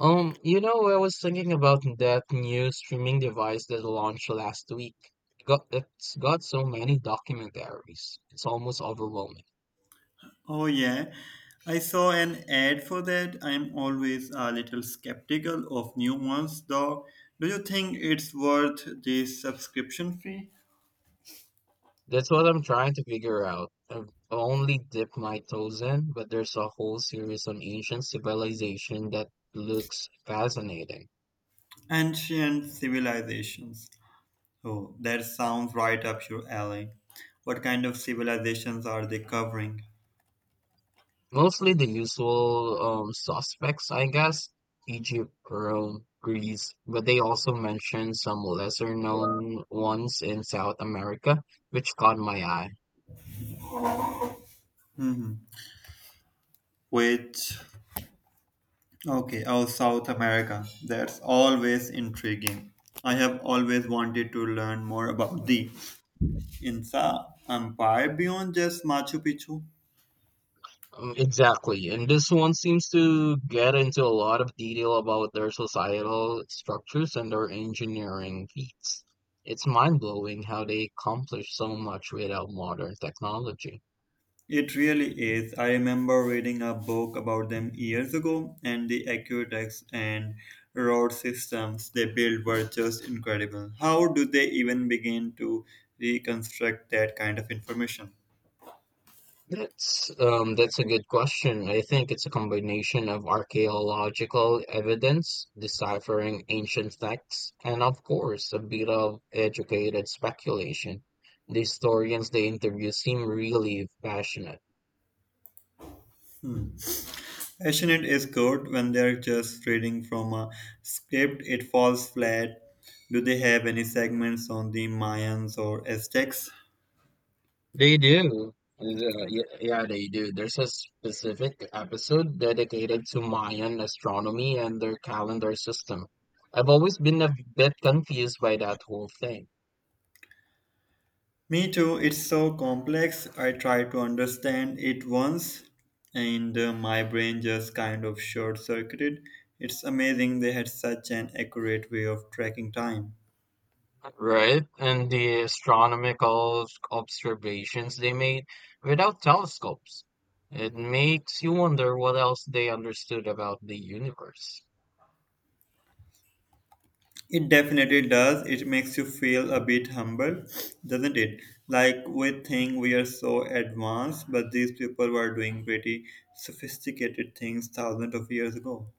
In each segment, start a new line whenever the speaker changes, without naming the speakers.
I was thinking about that new streaming device that launched last week. It's got so many documentaries. It's almost overwhelming.
Oh, yeah. I saw an ad for that. I'm always a little skeptical of new ones, though. Do you think it's worth the subscription fee?
That's what I'm trying to figure out. I've only dipped my toes in, but there's a whole series on ancient civilization that looks fascinating.
Ancient civilizations. Oh, that sounds right up your alley. What kind of civilizations are they covering?
Mostly the usual suspects, I guess, Egypt, Rome, Greece, but they also mentioned some lesser known ones in South America, which caught my eye.
Which. Okay, oh, South America. That's always intriguing. I have always wanted to learn more about the Inca Empire beyond just Machu Picchu.
Exactly. And this one seems to get into a lot of detail about their societal structures and their engineering feats. It's mind blowing how they accomplish so much without modern technology.
It really is. I remember reading a book about them years ago, and the aqueducts and road systems they built were just incredible. How do they even begin to reconstruct that kind of information?
That's a good question. I think it's a combination of archaeological evidence, deciphering ancient texts, and of course, a bit of educated speculation. The historians they interview seem really passionate.
Passionate is good when they're just reading from a script, it falls flat. Do they have any segments on the Mayans or Aztecs?
They do. Yeah, they do. There's a specific episode dedicated to Mayan astronomy and their calendar system. I've always been a bit confused by that whole thing.
Me too, it's so complex. I tried to understand it once and my brain just kind of short circuited. It's amazing they had such an accurate way of tracking time.
Right, and the astronomical observations they made without telescopes. It makes you wonder what else they understood about the universe.
It definitely does. It makes you feel a bit humble, doesn't it? Like we think we are so advanced, but these people were doing pretty sophisticated things thousands of years ago.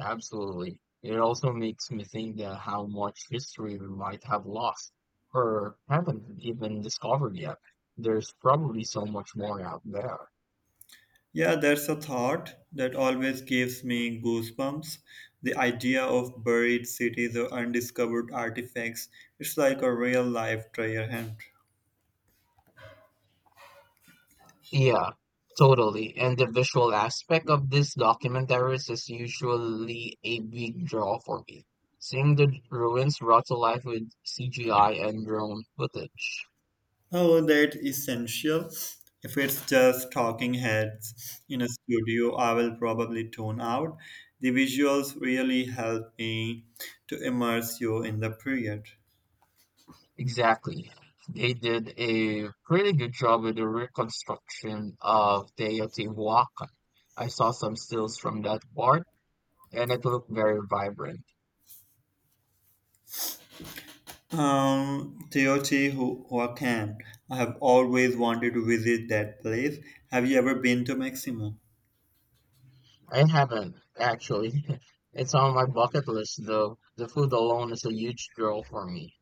Absolutely. It also makes me think that how much history we might have lost or haven't even discovered yet. There's probably so much more out there.
Yeah, that's a thought that always gives me goosebumps. The idea of buried cities or undiscovered artifacts, it's like a real life treasure hunt.
Yeah, totally. And the visual aspect of these documentaries is usually a big draw for me. Seeing the ruins brought to life with CGI and drone footage.
Oh, that essential. If it's just talking heads in a studio, I will probably tune out. The visuals really help me to immerse you in the period.
Exactly. They did a pretty good job with the reconstruction of Teotihuacan. I saw some stills from that part, and it looked very vibrant.
Teotihuacan. Huacan. I have always wanted to visit that place. Have you ever been to Mexico?
I haven't, actually. It's on my bucket list, though. The food alone is a huge draw for me.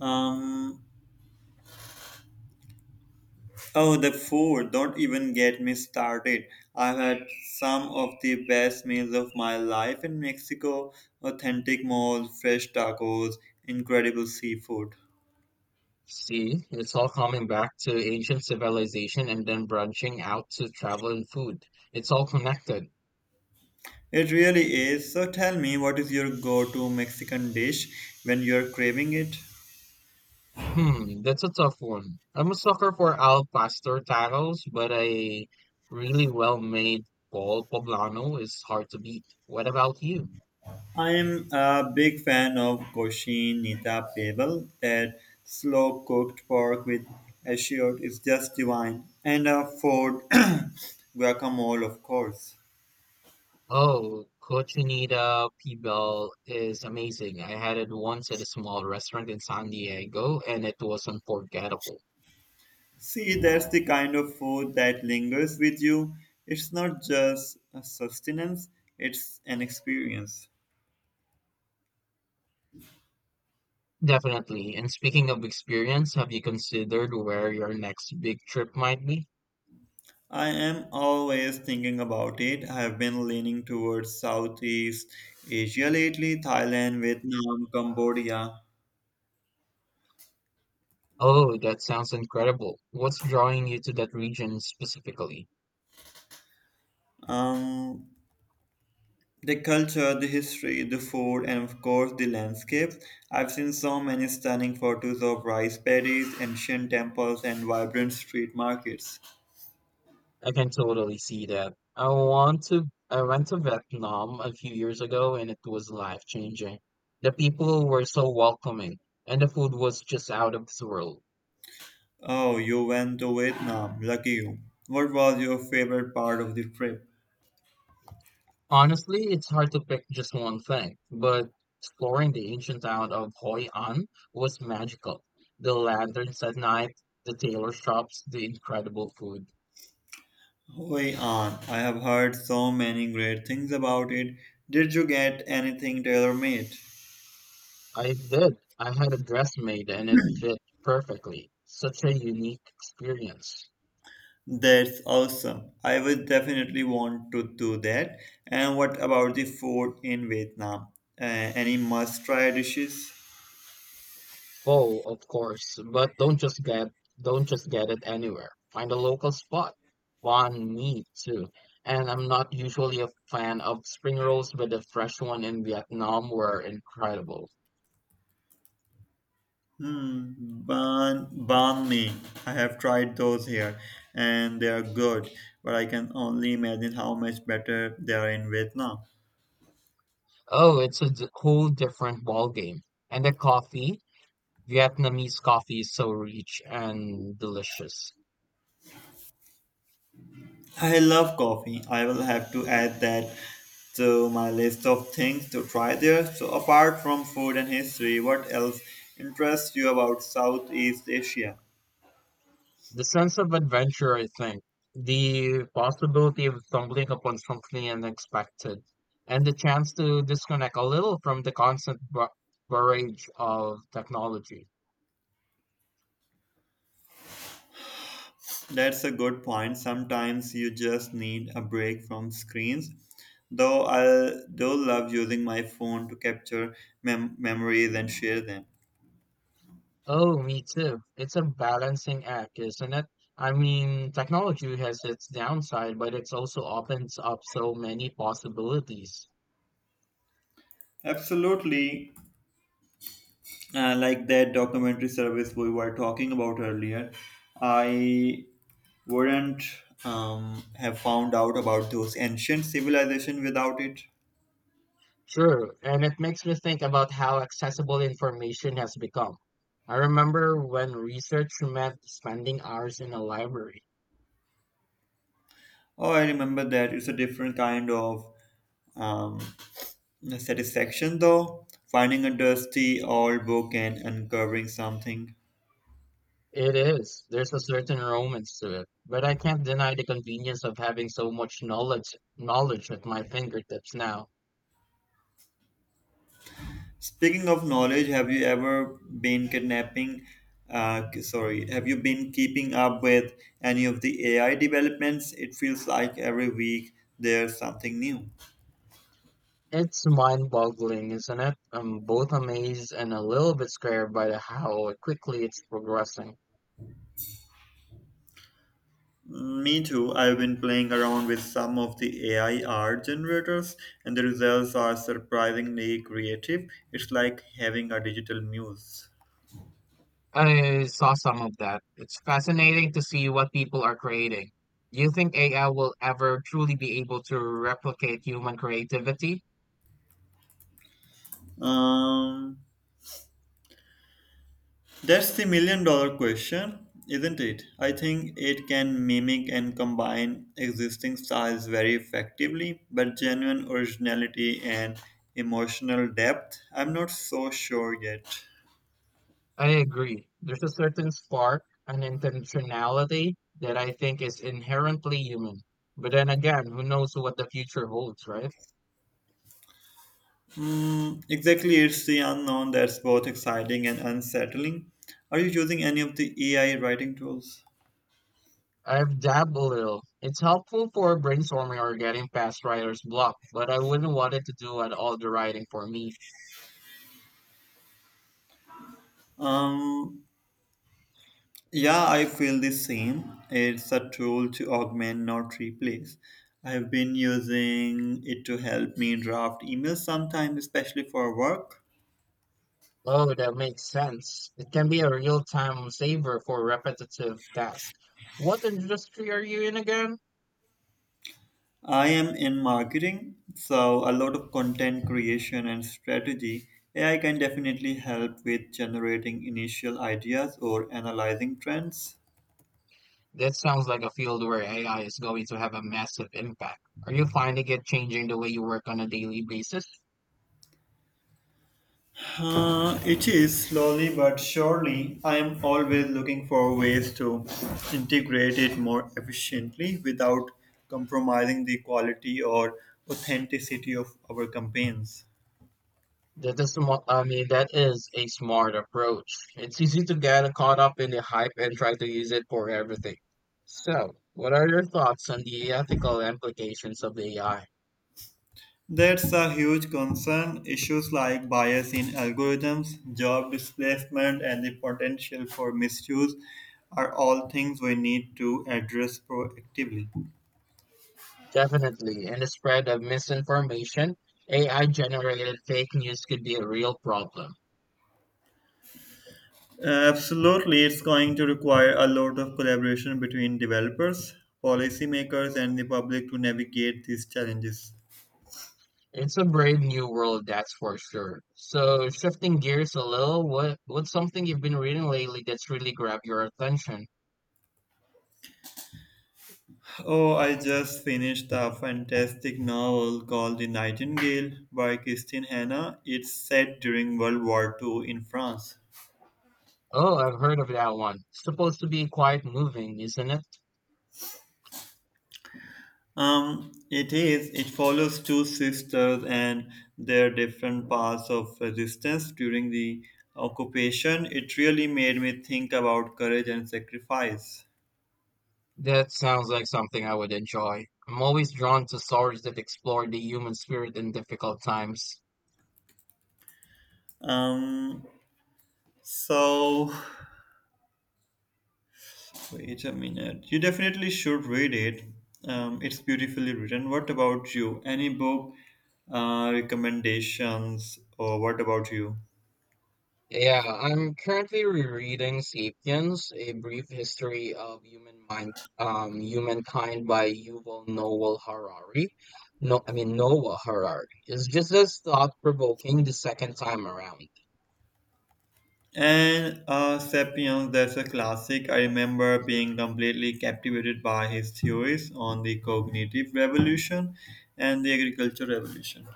Um, oh, the food, don't even get me started. I've had some of the best meals of my life in Mexico, authentic mole, fresh tacos, incredible seafood.
See, it's all coming back to ancient civilization and then branching out to travel and food. It's all connected.
It really is. So tell me, what is your go to Mexican dish when you're craving it?
Hmm, that's a tough one. I'm a sucker for al pastor tacos, but a really well-made bol poblano is hard to beat. What about you?
I am a big fan of Cochinita Pibil. That slow cooked pork with ashiot is just divine. And a Ford guacamole, of course.
Oh, cochinita pibil is amazing. I had it once at a small restaurant in San Diego, and it was unforgettable.
See, that's the kind of food that lingers with you. It's not just a sustenance, it's an experience.
Definitely. And speaking of experience, have you considered where your next big trip might be?
I am always thinking about it. I have been leaning towards Southeast Asia lately, Thailand, Vietnam, Cambodia.
Oh, that sounds incredible. What's drawing you to that region specifically?
Um, The culture, the history, the food, and of course the landscape. I've seen so many stunning photos of rice paddies, ancient temples, and vibrant street markets.
I can totally see that. I went to Vietnam a few years ago and it was life changing. The people were so welcoming and the food was just out of this world.
Oh, you went to Vietnam. Lucky you. What was your favorite part of the trip?
Honestly, it's hard to pick just one thing, but exploring the ancient town of Hoi An was magical. The lanterns at night, the tailor shops, the incredible food.
Hoi An. I have heard so many great things about it. Did you get anything tailor made?
I did. I had a dress made and it fit perfectly. Such a unique experience.
That's awesome. I would definitely want to do that. And what about the food in Vietnam? Any must-try dishes?
Pho, of course, but don't just get it anywhere. Find a local spot. Banh mi too. And I'm not usually a fan of spring rolls, but the fresh one in Vietnam were incredible.
Hmm, banh mi. I have tried those here, and they are good. But I can only imagine how much better they are in Vietnam.
Oh, whole different ball game. And the coffee, Vietnamese coffee is so rich and delicious.
I love coffee. I will have to add that to my list of things to try there. So, apart from food and history, what else interests you about Southeast Asia?
The sense of adventure, I think, the possibility of stumbling upon something unexpected, and the chance to disconnect a little from the constant barrage of technology.
That's a good point. Sometimes you just need a break from screens. Though I do love using my phone to capture memories and share them.
Oh, me too. It's a balancing act, isn't it? I mean, technology has its downside, but it also opens up so many possibilities.
Absolutely. Like that documentary service we were talking about earlier, I wouldn't have found out about those ancient civilization without it.
Sure, and it makes me think about how accessible information has become. I remember when research meant spending hours in a library.
Oh, I remember that. It's a different kind of um, satisfaction though, finding a dusty old book and uncovering something.
It is. There's a certain romance to it, but I can't deny the convenience of having so much knowledge at my fingertips now.
Speaking of knowledge, have you ever been kidnapping? Sorry, have you been keeping up with any of the AI developments? It feels like every week there's something new.
It's mind-boggling, isn't it? I'm both amazed and a little bit scared by the how quickly it's progressing.
Me too. I've been playing around with some of the AI art generators, and the results are surprisingly creative. It's like having a digital muse.
I saw some of that. It's fascinating to see what people are creating. Do you think AI will ever truly be able to replicate human creativity?
Um, That's the million dollar question, isn't it? I think it can mimic and combine existing styles very effectively, but genuine originality and emotional depth, I'm not so sure yet.
I agree. There's a certain spark an intentionality that I think is inherently human. But then again, who knows what the future holds, right?
Mm, exactly, it's the unknown that's both exciting and unsettling. Are you using any of the AI writing tools?
I've dabbed a little. It's helpful for brainstorming or getting past writer's block, but I wouldn't want it to do at all the writing for me.
Um, Yeah, I feel the same. It's a tool to augment, not replace. I've been using it to help me draft emails sometimes, especially for work.
Oh, that makes sense. It can be a real-time saver for repetitive tasks. What industry are you in again?
I am in marketing, so a lot of content creation and strategy. AI can definitely help with generating initial ideas or analyzing trends.
That sounds like a field where AI is going to have a massive impact. Are you finding it changing the way you work on a daily basis?
It is slowly but surely. I am always looking for ways to integrate it more efficiently without compromising the quality or authenticity of our campaigns.
I mean, that is a smart approach. It's easy to get caught up in the hype and try to use it for everything. So, what are your thoughts on the ethical implications of the AI?
That's a huge concern. Issues like bias in algorithms, job displacement, and the potential for misuse are all things we need to address proactively.
Definitely, in the spread of misinformation, AI generated fake news could be a real problem.
Absolutely, it's going to require a lot of collaboration between developers, policymakers, and the public to navigate these challenges.
It's a brave new world, that's for sure. So, shifting gears a little, what's something you've been reading lately that's really grabbed your attention?
Oh, I just finished a fantastic novel called The Nightingale by Christine Hanna. It's set during World War II in France.
Oh, I've heard of that one. Supposed to be quite moving, isn't it?
It is. It follows two sisters and their different paths of resistance during the occupation. It really made me think about courage and sacrifice.
That sounds like something I would enjoy. I'm always drawn to stories that explore the human spirit in difficult times.
Um, so, Wait a minute. You definitely should read it. It's beautifully written. What about you? Any book recommendations, or what about you?
Yeah, I'm currently rereading *Sapiens: A Brief History of Humankind by Yuval Noah Harari. No, I mean Noah Harari. It's just as thought-provoking the second time around,
And Sapiens, that's a classic. I remember being completely captivated by his theories on the cognitive revolution and the agriculture revolution.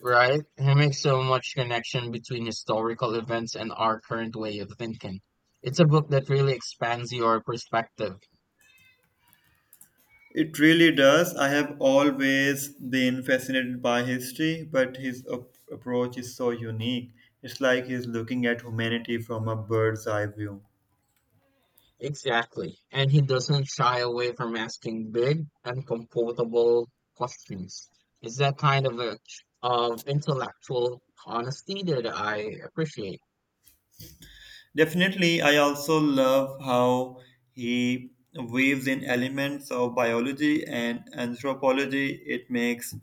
right? He makes so much connection between historical events and our current way of thinking. It's a book that really expands your perspective.
It really does. I have always been fascinated by history, but his approach is so unique. It's like he's looking at humanity from a bird's eye view.
Exactly. And he doesn't shy away from asking big, uncomfortable questions. It's that kind of a, of intellectual honesty that I appreciate.
Definitely, I also love how he weaves in elements of biology and anthropology. It makes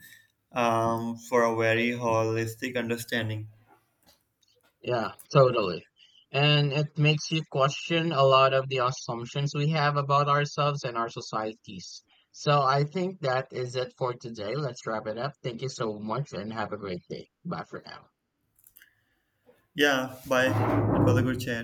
for a very holistic understanding.
Yeah, totally. And it makes you question a lot of the assumptions we have about ourselves and our societies. So I think that is it for today. Let's wrap it up. Thank you so much and have a great day. Bye for now.
Yeah, bye. It was a good chat.